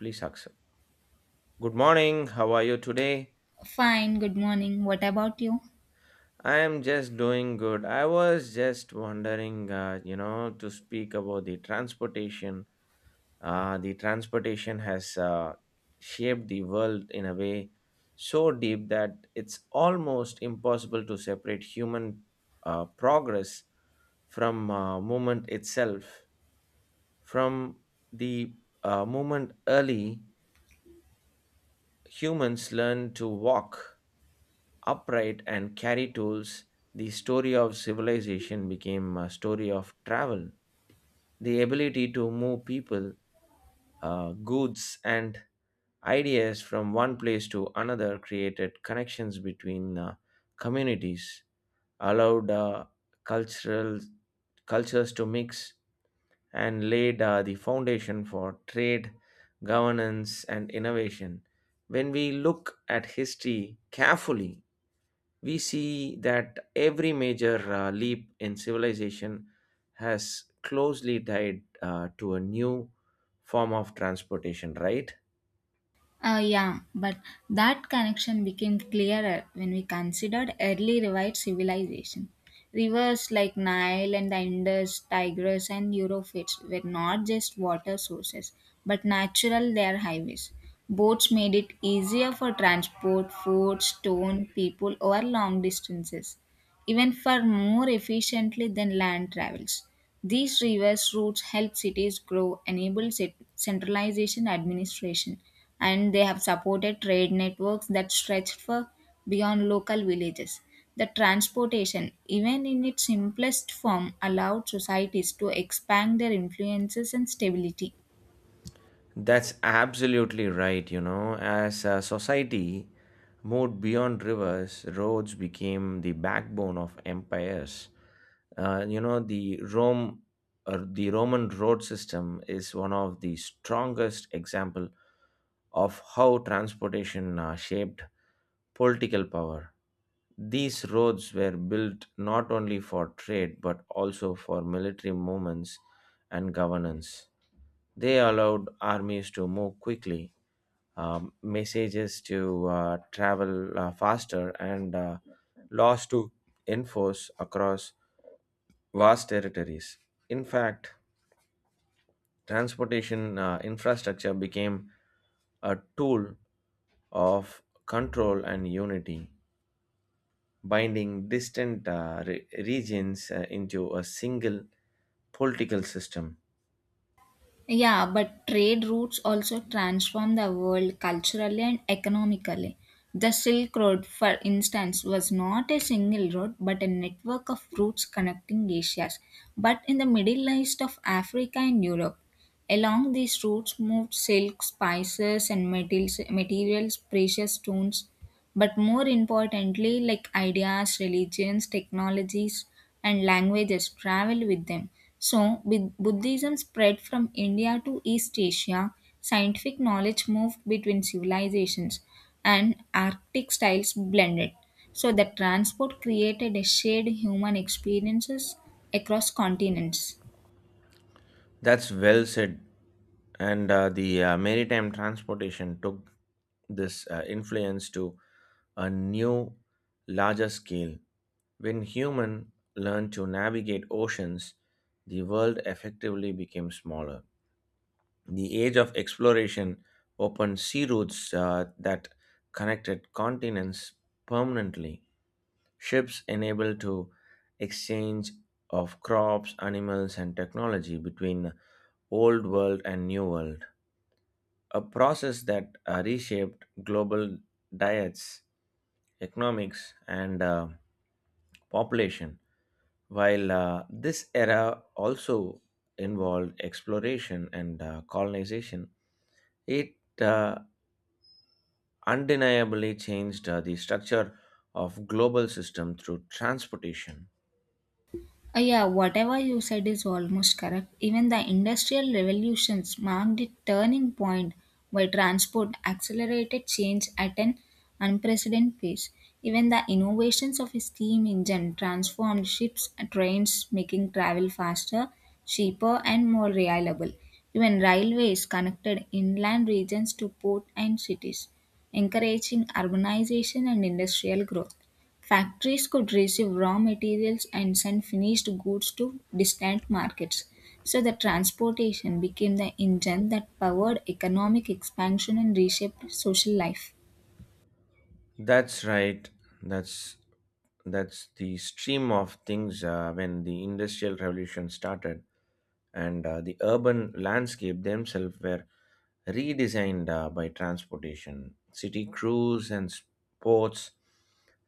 Please accept. Good morning. How are you today? Fine, good morning. What about you? I am just doing good. I was just wondering, to speak about the transportation. The transportation has shaped the world in a way so deep that it's almost impossible to separate human progress from movement itself. From the movement early, humans learned to walk upright and carry tools. The story of civilization became a story of travel. The ability to move people, goods, and ideas from one place to another created connections between communities, allowed cultural cultures to mix, and laid the foundation for trade, governance, and innovation. When we look at history carefully, we see that every major leap in civilization has closely tied to a new form of transportation, right? Yeah, but that connection became clearer when we considered early revived civilization. Rivers like Nile and the Indus, Tigris, and Eurofits were not just water sources, but natural their highways. Boats made it easier for transport, food, stone, people over long distances, even far more efficiently than land travels. These reverse routes help cities grow, enable centralization administration, and they have supported trade networks that stretched for beyond local villages. The transportation, even in its simplest form, allowed societies to expand their influences and stability. That's absolutely right. You know, as a society moved beyond rivers, roads became the backbone of empires. You know, the Rome, or the Roman road system is one of the strongest example of how transportation shaped political power. These roads were built not only for trade but also for military movements and governance. They allowed armies to move quickly, messages to travel faster, and laws to enforce across vast territories. In fact, transportation infrastructure became a tool of control and unity, binding distant regions into a single political system. Yeah, but trade routes also transformed the world culturally and economically. The Silk Road, for instance, was not a single road but a network of routes connecting Asia, but in the Middle East of Africa and Europe. Along these routes moved silk, spices, and metals, materials, precious stones, but more importantly, like ideas, religions, technologies, and languages travel with them. So, with Buddhism spread from India to East Asia, scientific knowledge moved between civilizations, and Arctic styles blended. So, the transport created a shared human experiences across continents. That's well said. And the maritime transportation took this influence to a new, larger scale. When humans learned to navigate oceans, the world effectively became smaller. The age of exploration opened sea routes that connected continents permanently. Ships enabled to exchange of crops, animals, and technology between old world and new world, a process that reshaped global diets, economics, and population. While this era also involved exploration and colonization, it uh, undeniably changed the structure of global system through transportation. Yeah, whatever you said is almost correct. Even the industrial revolutions marked a turning point where transport accelerated change at an unprecedented pace. Even the innovations of a steam engine transformed ships and trains, making travel faster, cheaper, and more reliable. Even railways connected inland regions to port and cities, encouraging urbanization and industrial growth. Factories could receive raw materials and send finished goods to distant markets. So, the transportation became the engine that powered economic expansion and reshaped social life. That's right. That's that's the stream of things when the industrial revolution started, and the urban landscape themselves were redesigned by transportation. City crews and ports,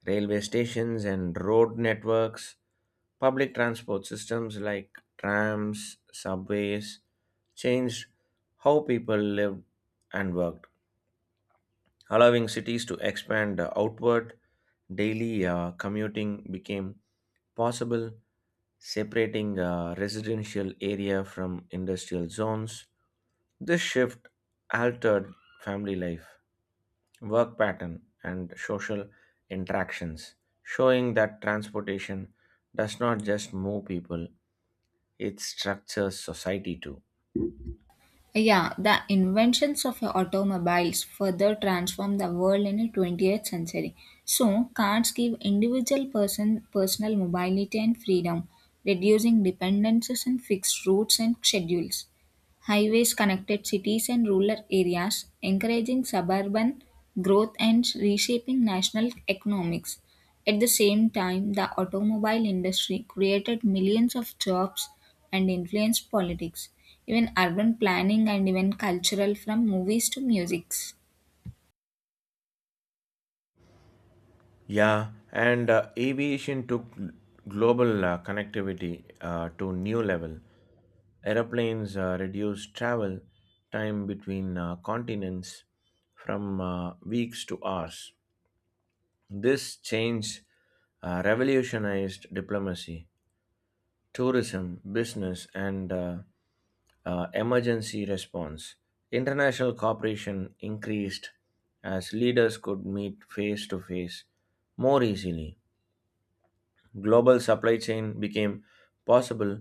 railway stations and road networks, public transport systems like trams, subways, changed how people lived and worked, allowing cities to expand outward. Daily commuting became possible, separating residential area from industrial zones. This shift altered family life, work pattern, and social interactions, showing that transportation does not just move people, it structures society too. Yeah, the inventions of automobiles further transformed the world in the 20th century. So, cars give individual person personal mobility and freedom, reducing dependencies on fixed routes and schedules. Highways connected cities and rural areas, encouraging suburban growth and reshaping national economics. At the same time, the automobile industry created millions of jobs and influenced politics, even urban planning and even cultural from movies to music. Yeah, and aviation took global connectivity to new level. Aeroplanes reduced travel time between continents from weeks to hours. This change revolutionized diplomacy, tourism, business, and emergency response. International cooperation increased as leaders could meet face to face more easily. Global supply chain became possible,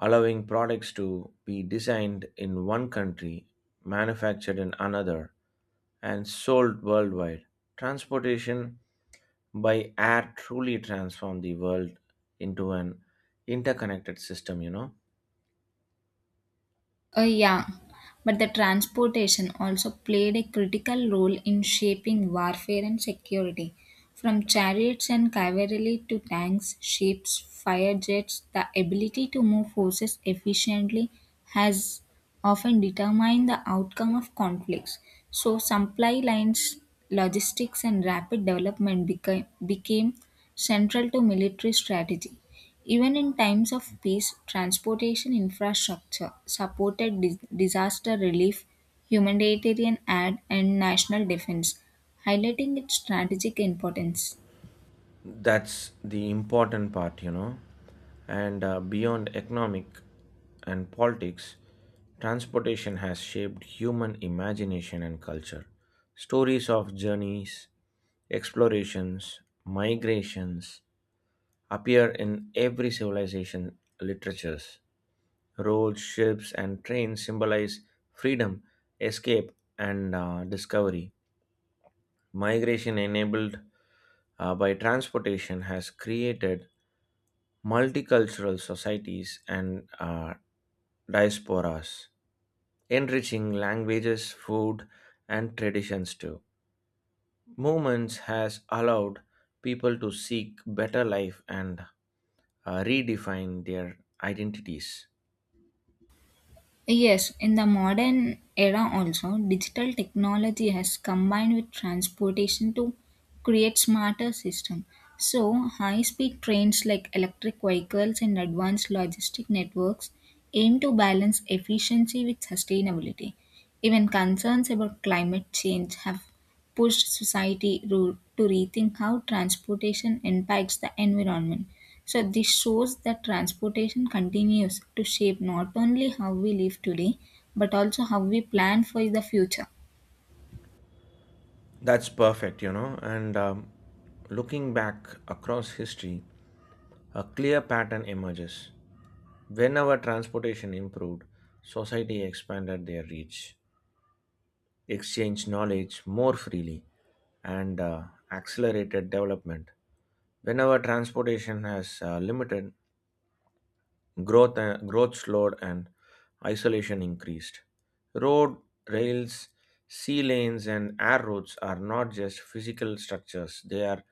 allowing products to be designed in one country, manufactured in another, and sold worldwide. Transportation by air truly transformed the world into an interconnected system, you know. Yeah, but the transportation also played a critical role in shaping warfare and security. From chariots and cavalry to tanks, ships, fire jets, the ability to move forces efficiently has often determined the outcome of conflicts. So, supply lines, logistics, and rapid development became central to military strategy. Even in times of peace, transportation infrastructure supported disaster relief, humanitarian aid, and national defense, highlighting its strategic importance. That's the important part, you know. And beyond economic and politics, transportation has shaped human imagination and culture. Stories of journeys, explorations, migrations appear in every civilization literatures. Roads, ships, and trains symbolize freedom, escape, and discovery. Migration enabled by transportation has created multicultural societies and diasporas, enriching languages, food, and traditions too. Movements has allowed people to seek better life and redefine their identities. Yes, in the modern era also, digital technology has combined with transportation to create smarter system. So, high-speed trains like electric vehicles and advanced logistic networks aim to balance efficiency with sustainability. Even concerns about climate change have pushed society to rethink how transportation impacts the environment. So, this shows that transportation continues to shape not only how we live today, but also how we plan for the future. That's perfect, you know. And looking back across history, a clear pattern emerges. Whenever transportation improved, society expanded their reach, exchange knowledge more freely, and accelerated development. Whenever transportation has limited growth slowed and isolation increased. Road, rails, sea lanes, and air routes are not just physical structures; they are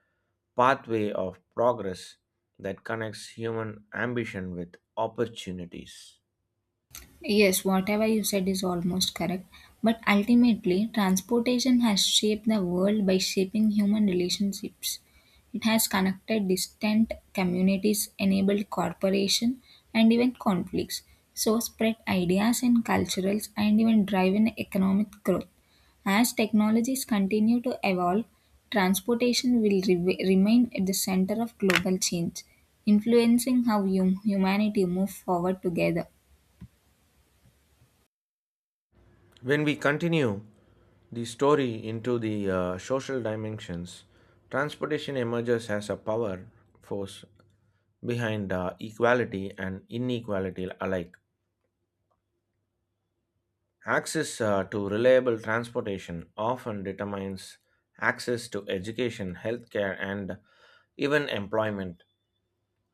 pathway of progress that connects human ambition with opportunities. Yes, whatever you said is almost correct. But ultimately, transportation has shaped the world by shaping human relationships. It has connected distant communities, enabled cooperation, and even conflicts. So, spread ideas and culturals, and even driven economic growth. As technologies continue to evolve, transportation will remain at the center of global change, influencing how humanity move forward together. When we continue the story into the social dimensions, transportation emerges as a power force behind equality and inequality alike. Access to reliable transportation often determines access to education, healthcare, and even employment.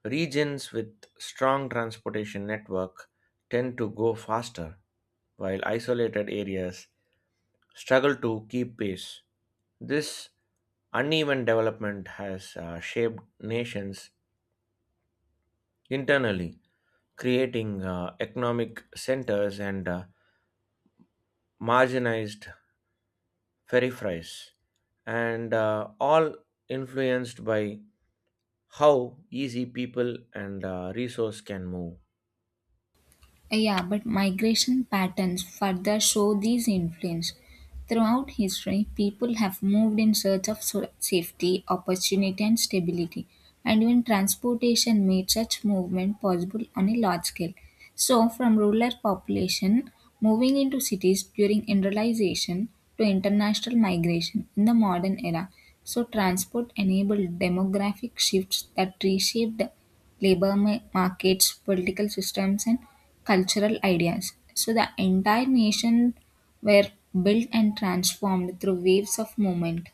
Regions with strong transportation network tend to go faster, while isolated areas struggle to keep pace. This uneven development has shaped nations internally, creating economic centers and marginalized peripheries, and all influenced by how easy people and resource can move. Yeah, but migration patterns further show these influence. Throughout history, people have moved in search of safety, opportunity, and stability, and even transportation made such movement possible on a large scale. So, from rural population moving into cities during industrialization to international migration in the modern era, so transport enabled demographic shifts that reshaped labor markets, political systems, and cultural ideas. So the entire nation were built and transformed through waves of movement.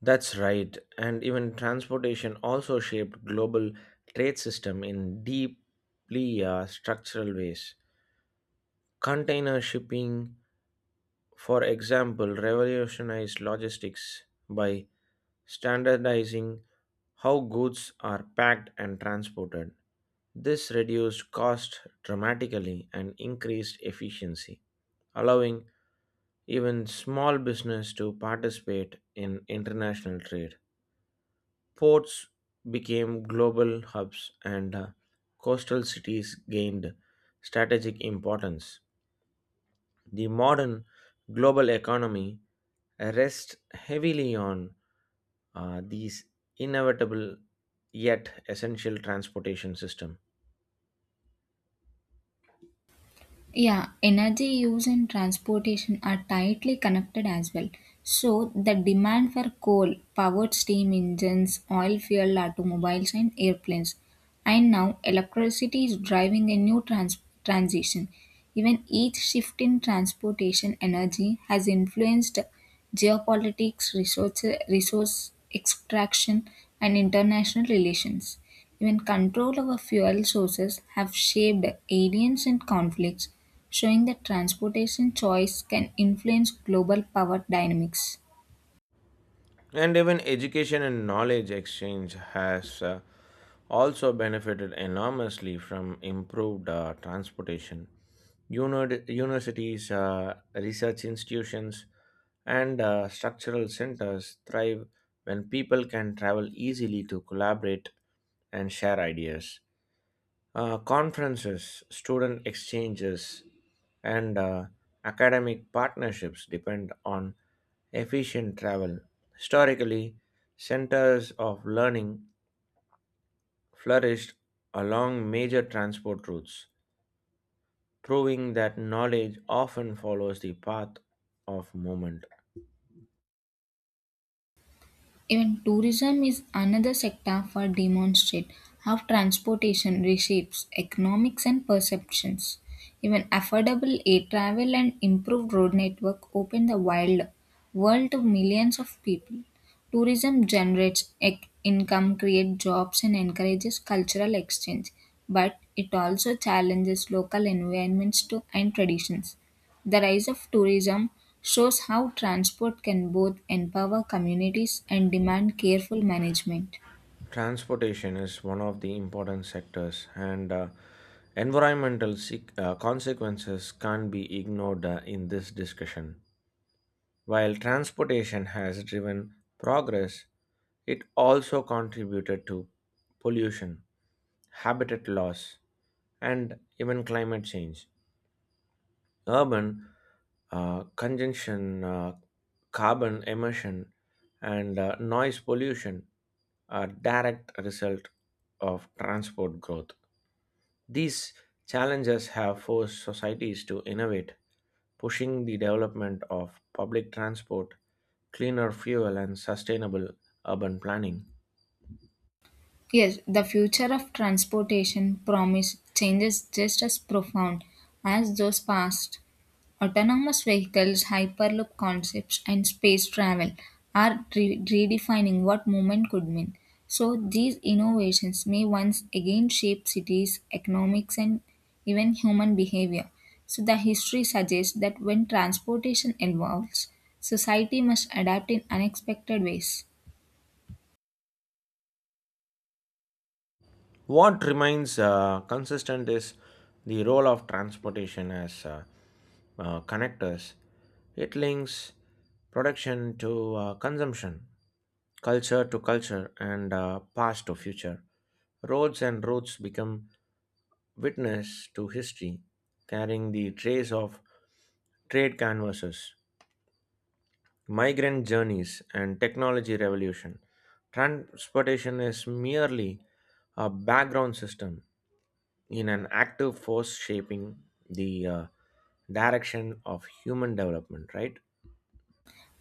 That's right, and even transportation also shaped global trade system in deeply structural ways. Container shipping, for example, revolutionized logistics by standardizing how goods are packed and transported. This reduced cost dramatically and increased efficiency, allowing even small business to participate in international trade. Ports became global hubs, and coastal cities gained strategic importance. The modern global economy rests heavily on these inevitable yet essential transportation system. Yeah, energy use and transportation are tightly connected as well. So the demand for coal, powered steam engines, oil fueled automobiles, and airplanes. And now electricity is driving a new transition. Even each shift in transportation energy has influenced geopolitics, resource extraction, and international relations. Even control over fuel sources have shaped aliens and conflicts, showing that transportation choice can influence global power dynamics. And even education and knowledge exchange has also benefited enormously from improved transportation. Universities, research institutions, and structural centers thrive when people can travel easily to collaborate and share ideas. Conferences, student exchanges, and academic partnerships depend on efficient travel. Historically, centers of learning flourished along major transport routes, proving that knowledge often follows the path of movement. Even tourism is another sector for demonstrate how transportation reshapes economics and perceptions. Even affordable air travel and improved road network open the wild world to millions of people. Tourism generates income, creates jobs, and encourages cultural exchange, but it also challenges local environments to, and traditions. The rise of tourism shows how transport can both empower communities and demand careful management. Transportation is one of the important sectors, and environmental consequences can't be ignored in this discussion. While transportation has driven progress, it also contributed to pollution, habitat loss, and even climate change. Urban congestion, carbon emission, and noise pollution are direct result of transport growth. These challenges have forced societies to innovate, pushing the development of public transport, cleaner fuel, and sustainable urban planning. Yes, the future of transportation promise changes just as profound as those past. Autonomous vehicles, hyperloop concepts, and space travel are redefining what movement could mean. So, these innovations may once again shape cities, economics, and even human behavior. So, the history suggests that when transportation evolves, society must adapt in unexpected ways. What remains consistent is the role of transportation as connectors. It links production to consumption, culture to culture, and past to future. Roads and routes become witness to history, carrying the trace of trade canvases, migrant journeys, and technology revolution. Transportation is merely a background system in an active force shaping the direction of human development, right?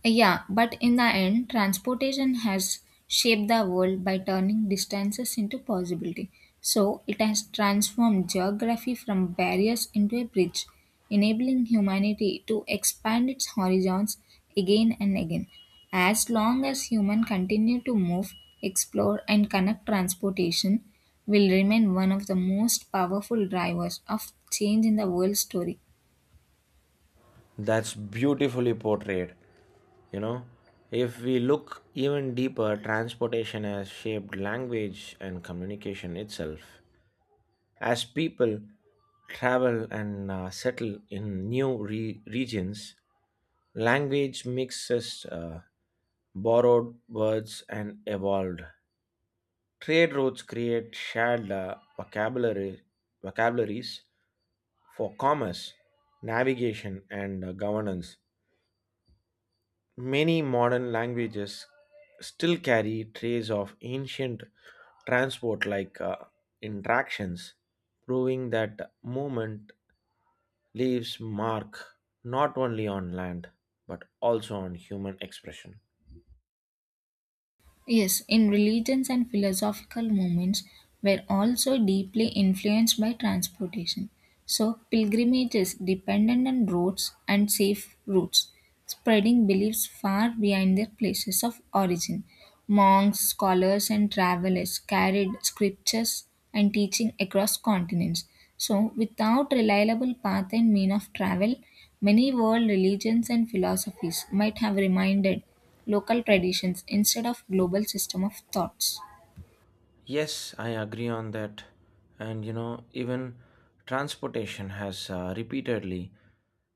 Yeah, but in the end, transportation has shaped the world by turning distances into possibility. So it has transformed geography from barriers into a bridge, enabling humanity to expand its horizons again and again. As long as human continue to move, explore and connect transportation will remain one of the most powerful drivers of change in the world story. That's beautifully portrayed. You know, if we look even deeper, transportation has shaped language and communication itself. As people travel and settle in new regions, language mixes borrowed words and evolved. Trade routes create shared vocabularies for commerce, navigation, and governance. Many modern languages still carry traces of ancient transport like interactions, proving that movement leaves mark not only on land but also on human expression. Yes, in religions and philosophical movements were also deeply influenced by transportation. So, pilgrimages depended on roads and safe routes, spreading beliefs far beyond their places of origin. Monks, scholars, and travelers carried scriptures and teaching across continents. So, without reliable path and mean of travel, many world religions and philosophies might have reminded local traditions instead of global system of thoughts. Yes, I agree on that. And you know, even transportation has repeatedly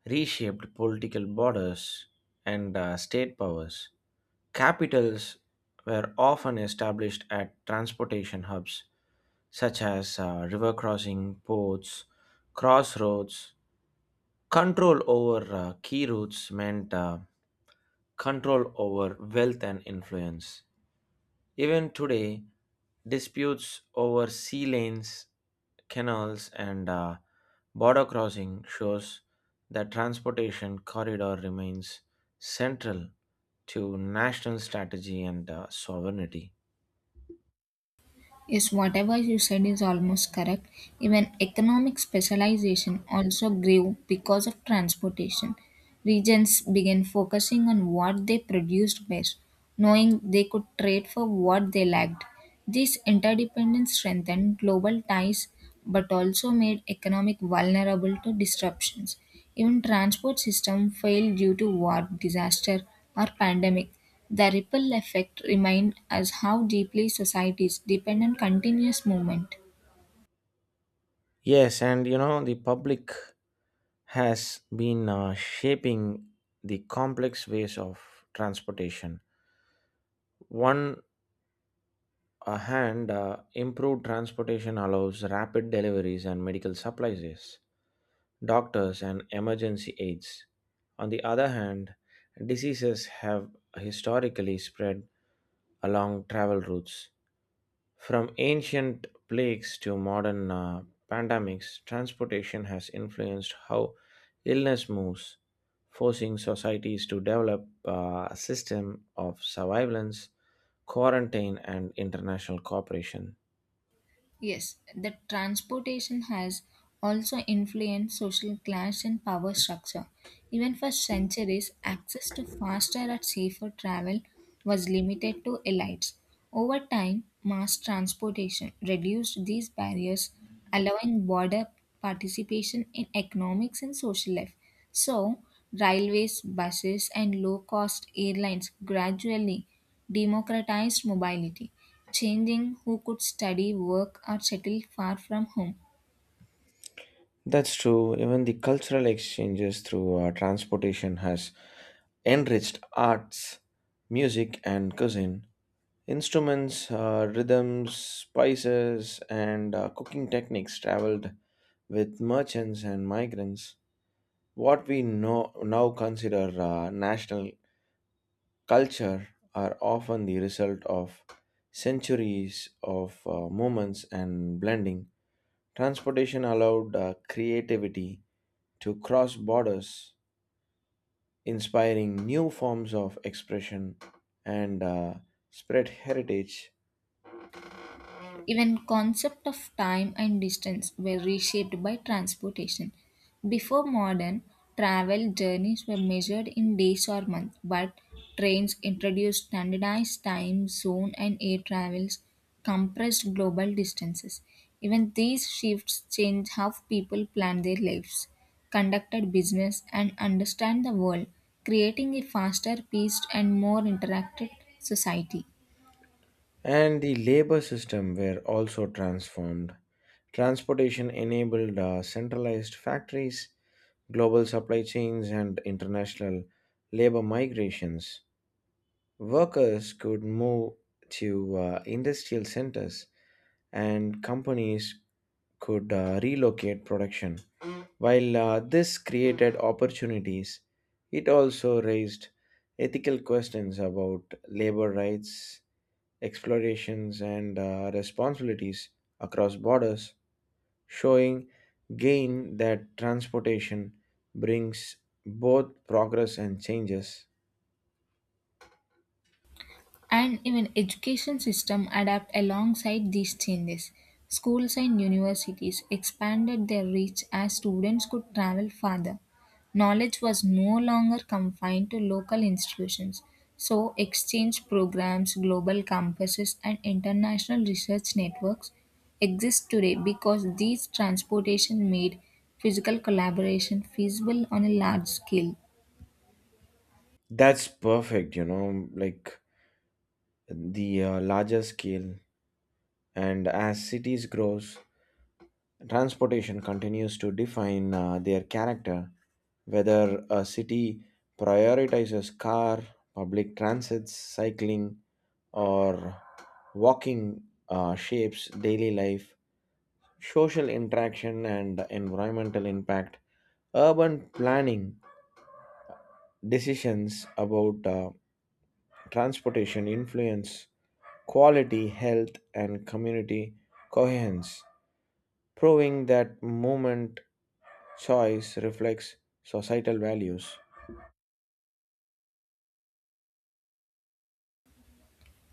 reshaped political borders and state powers. Capitals were often established at transportation hubs such as river crossing, ports, crossroads. Control over key routes meant control over wealth and influence. Even today, disputes over sea lanes, canals, and border crossing shows that transportation corridor remains central to national strategy and sovereignty. Yes, whatever you said is almost correct. Even economic specialization also grew because of transportation. Regions began focusing on what they produced best, knowing they could trade for what they lacked. This interdependence strengthened global ties but also made economic vulnerable to disruptions. Even transport system failed due to war, disaster or pandemic. The ripple effect remained us how deeply societies depend on continuous movement. Yes, and you know, the public has been shaping the complex ways of transportation. One A hand improved transportation allows rapid deliveries and medical supplies, yes, doctors and emergency aids. On the other hand, diseases have historically spread along travel routes. From ancient plagues to modern pandemics, transportation has influenced how illness moves, forcing societies to develop a system of surveillance, quarantine, and international cooperation. Yes, the transportation has also influenced social class and power structure. Even for centuries, access to faster and safer travel was limited to elites. Over time, mass transportation reduced these barriers, allowing broader participation in economics and social life. So, railways, buses, and low cost airlines gradually democratized mobility, changing who could study, work, or settle far from home. That's true. Even the cultural exchanges through transportation has enriched arts, music, and cuisine. Instruments, rhythms, spices, and cooking techniques traveled with merchants and migrants. What we know, now consider national culture are often the result of centuries of movements and blending. Transportation allowed creativity to cross borders, inspiring new forms of expression and spread heritage. Even concept of time and distance were reshaped by transportation. Before modern travel journeys were measured in days or months, but trains introduced standardized time zone and air travels compressed global distances. Even these shifts change how people plan their lives, conducted business and understand the world, creating a faster, paced and more interactive society. And the labor system were also transformed. Transportation enabled centralized factories, global supply chains, and international labor migrations. Workers could move to industrial centers, and companies could relocate production. While this created opportunities, it also raised ethical questions about labor rights, explorations, and responsibilities across borders, showing gain that transportation brings both progress and changes. And even education system adapt alongside these changes schools and universities expanded their reach as students could travel farther knowledge was no longer confined to local institutions so exchange programs global campuses and international research networks exist today because these transportation made physical collaboration feasible on a large scale. That's perfect, you know, like the larger scale. And as cities grows, transportation continues to define their character. Whether a city prioritizes car, public transits, cycling, or walking shapes daily life, social interaction, and environmental impact. Urban planning decisions about transportation influence quality, health, and community coherence, proving that movement choice reflects societal values.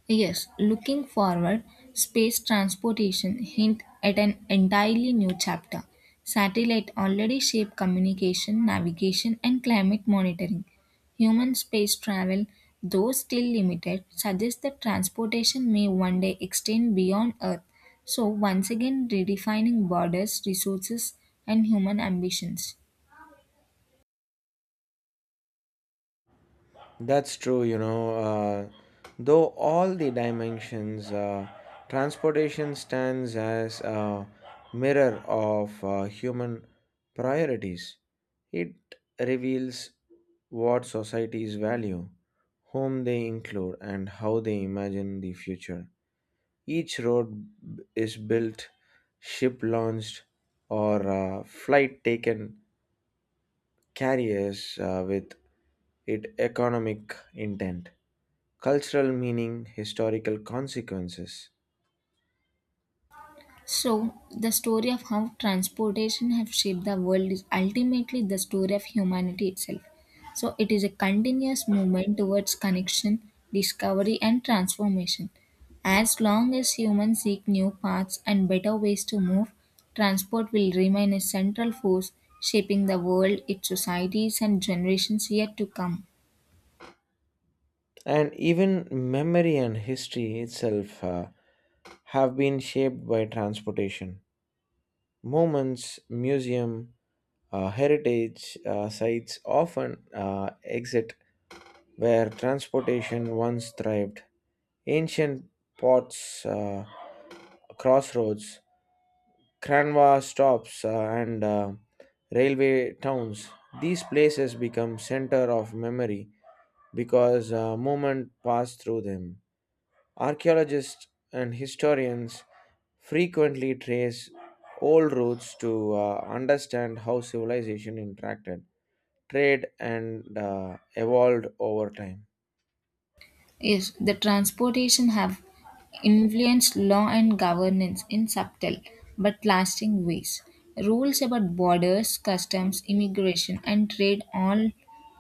Yes, looking forward, space transportation hint at an entirely new chapter. Satellite already shape communication, navigation and climate monitoring. Human space travel, though still limited, suggests that transportation may one day extend beyond Earth. So once again redefining borders, resources and human ambitions. That's true, you know. Though all the dimensions, transportation stands as a mirror of human priorities. It reveals what societies value, whom they include, and how they imagine the future. Each road is built, ship launched, or flight taken carries with it economic intent, cultural meaning, historical consequences, So, the story of how transportation have shaped the world is ultimately the story of humanity itself. So, it is a continuous movement towards connection, discovery, and transformation. As long as humans seek new paths and better ways to move, transport will remain a central force shaping the world, its societies, and generations yet to come. and even memory and history itself have been shaped by transportation. Moments, museum, heritage sites often exit where transportation once thrived. Ancient ports, crossroads, Kranwa stops, and railway towns. These places become center of memory because movement passed through them. Archaeologists and historians frequently trace old routes to understand how civilization interacted, trade, and evolved over time. Yes, the transportation have influenced law and governance in subtle but lasting ways. Rules about borders, customs, immigration, and trade all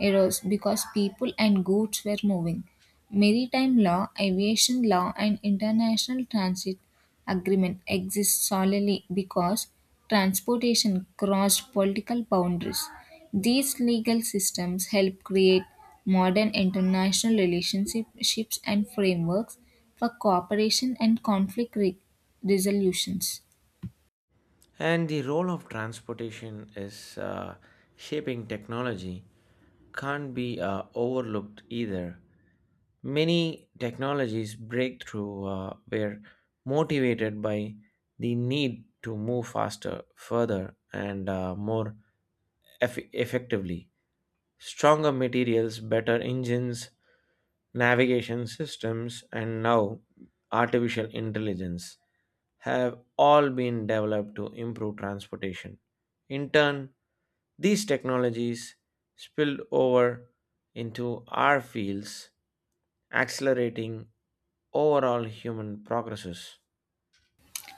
arose because people and goods were moving. Maritime law, aviation law, and international transit agreement exist solely because transportation crossed political boundaries. These legal systems help create modern international relationships and frameworks for cooperation and conflict resolutions. And the role of transportation is shaping technology can't be overlooked either. Many technologies breakthrough were motivated by the need to move faster, further, and more effectively. Stronger materials, better engines, navigation systems, and now artificial intelligence have all been developed to improve transportation. In turn, these technologies spilled over into our fields, accelerating overall human progresses.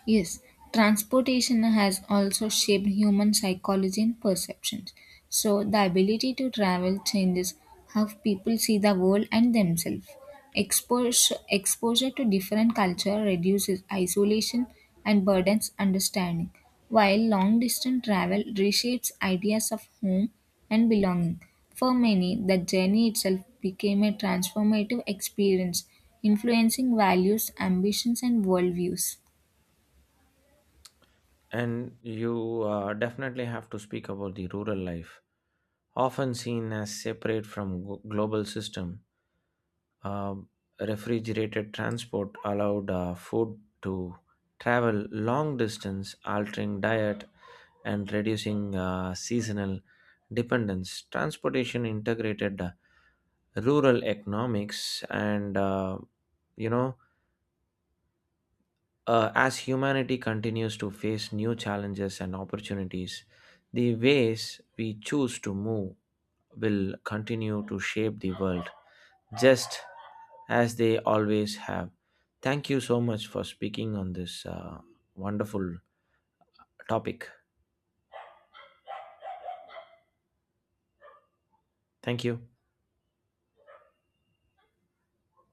Yes, transportation has also shaped human psychology and perceptions. So, the ability to travel changes how people see the world and themselves. Exposure to different culture reduces isolation and burdens understanding, while long distance travel reshapes ideas of home and belonging. For many, the journey itself became a transformative experience, influencing values, ambitions, and worldviews. And you definitely have to speak about the rural life, often seen as separate from global system. Um Refrigerated transport allowed food to travel long distance, altering diet and reducing seasonal dependence. Transportation integrated rural economics and you know, as humanity continues to face new challenges and opportunities, the ways we choose to move will continue to shape the world, just as they always have. Thank you so much for speaking on this wonderful topic. Thank you.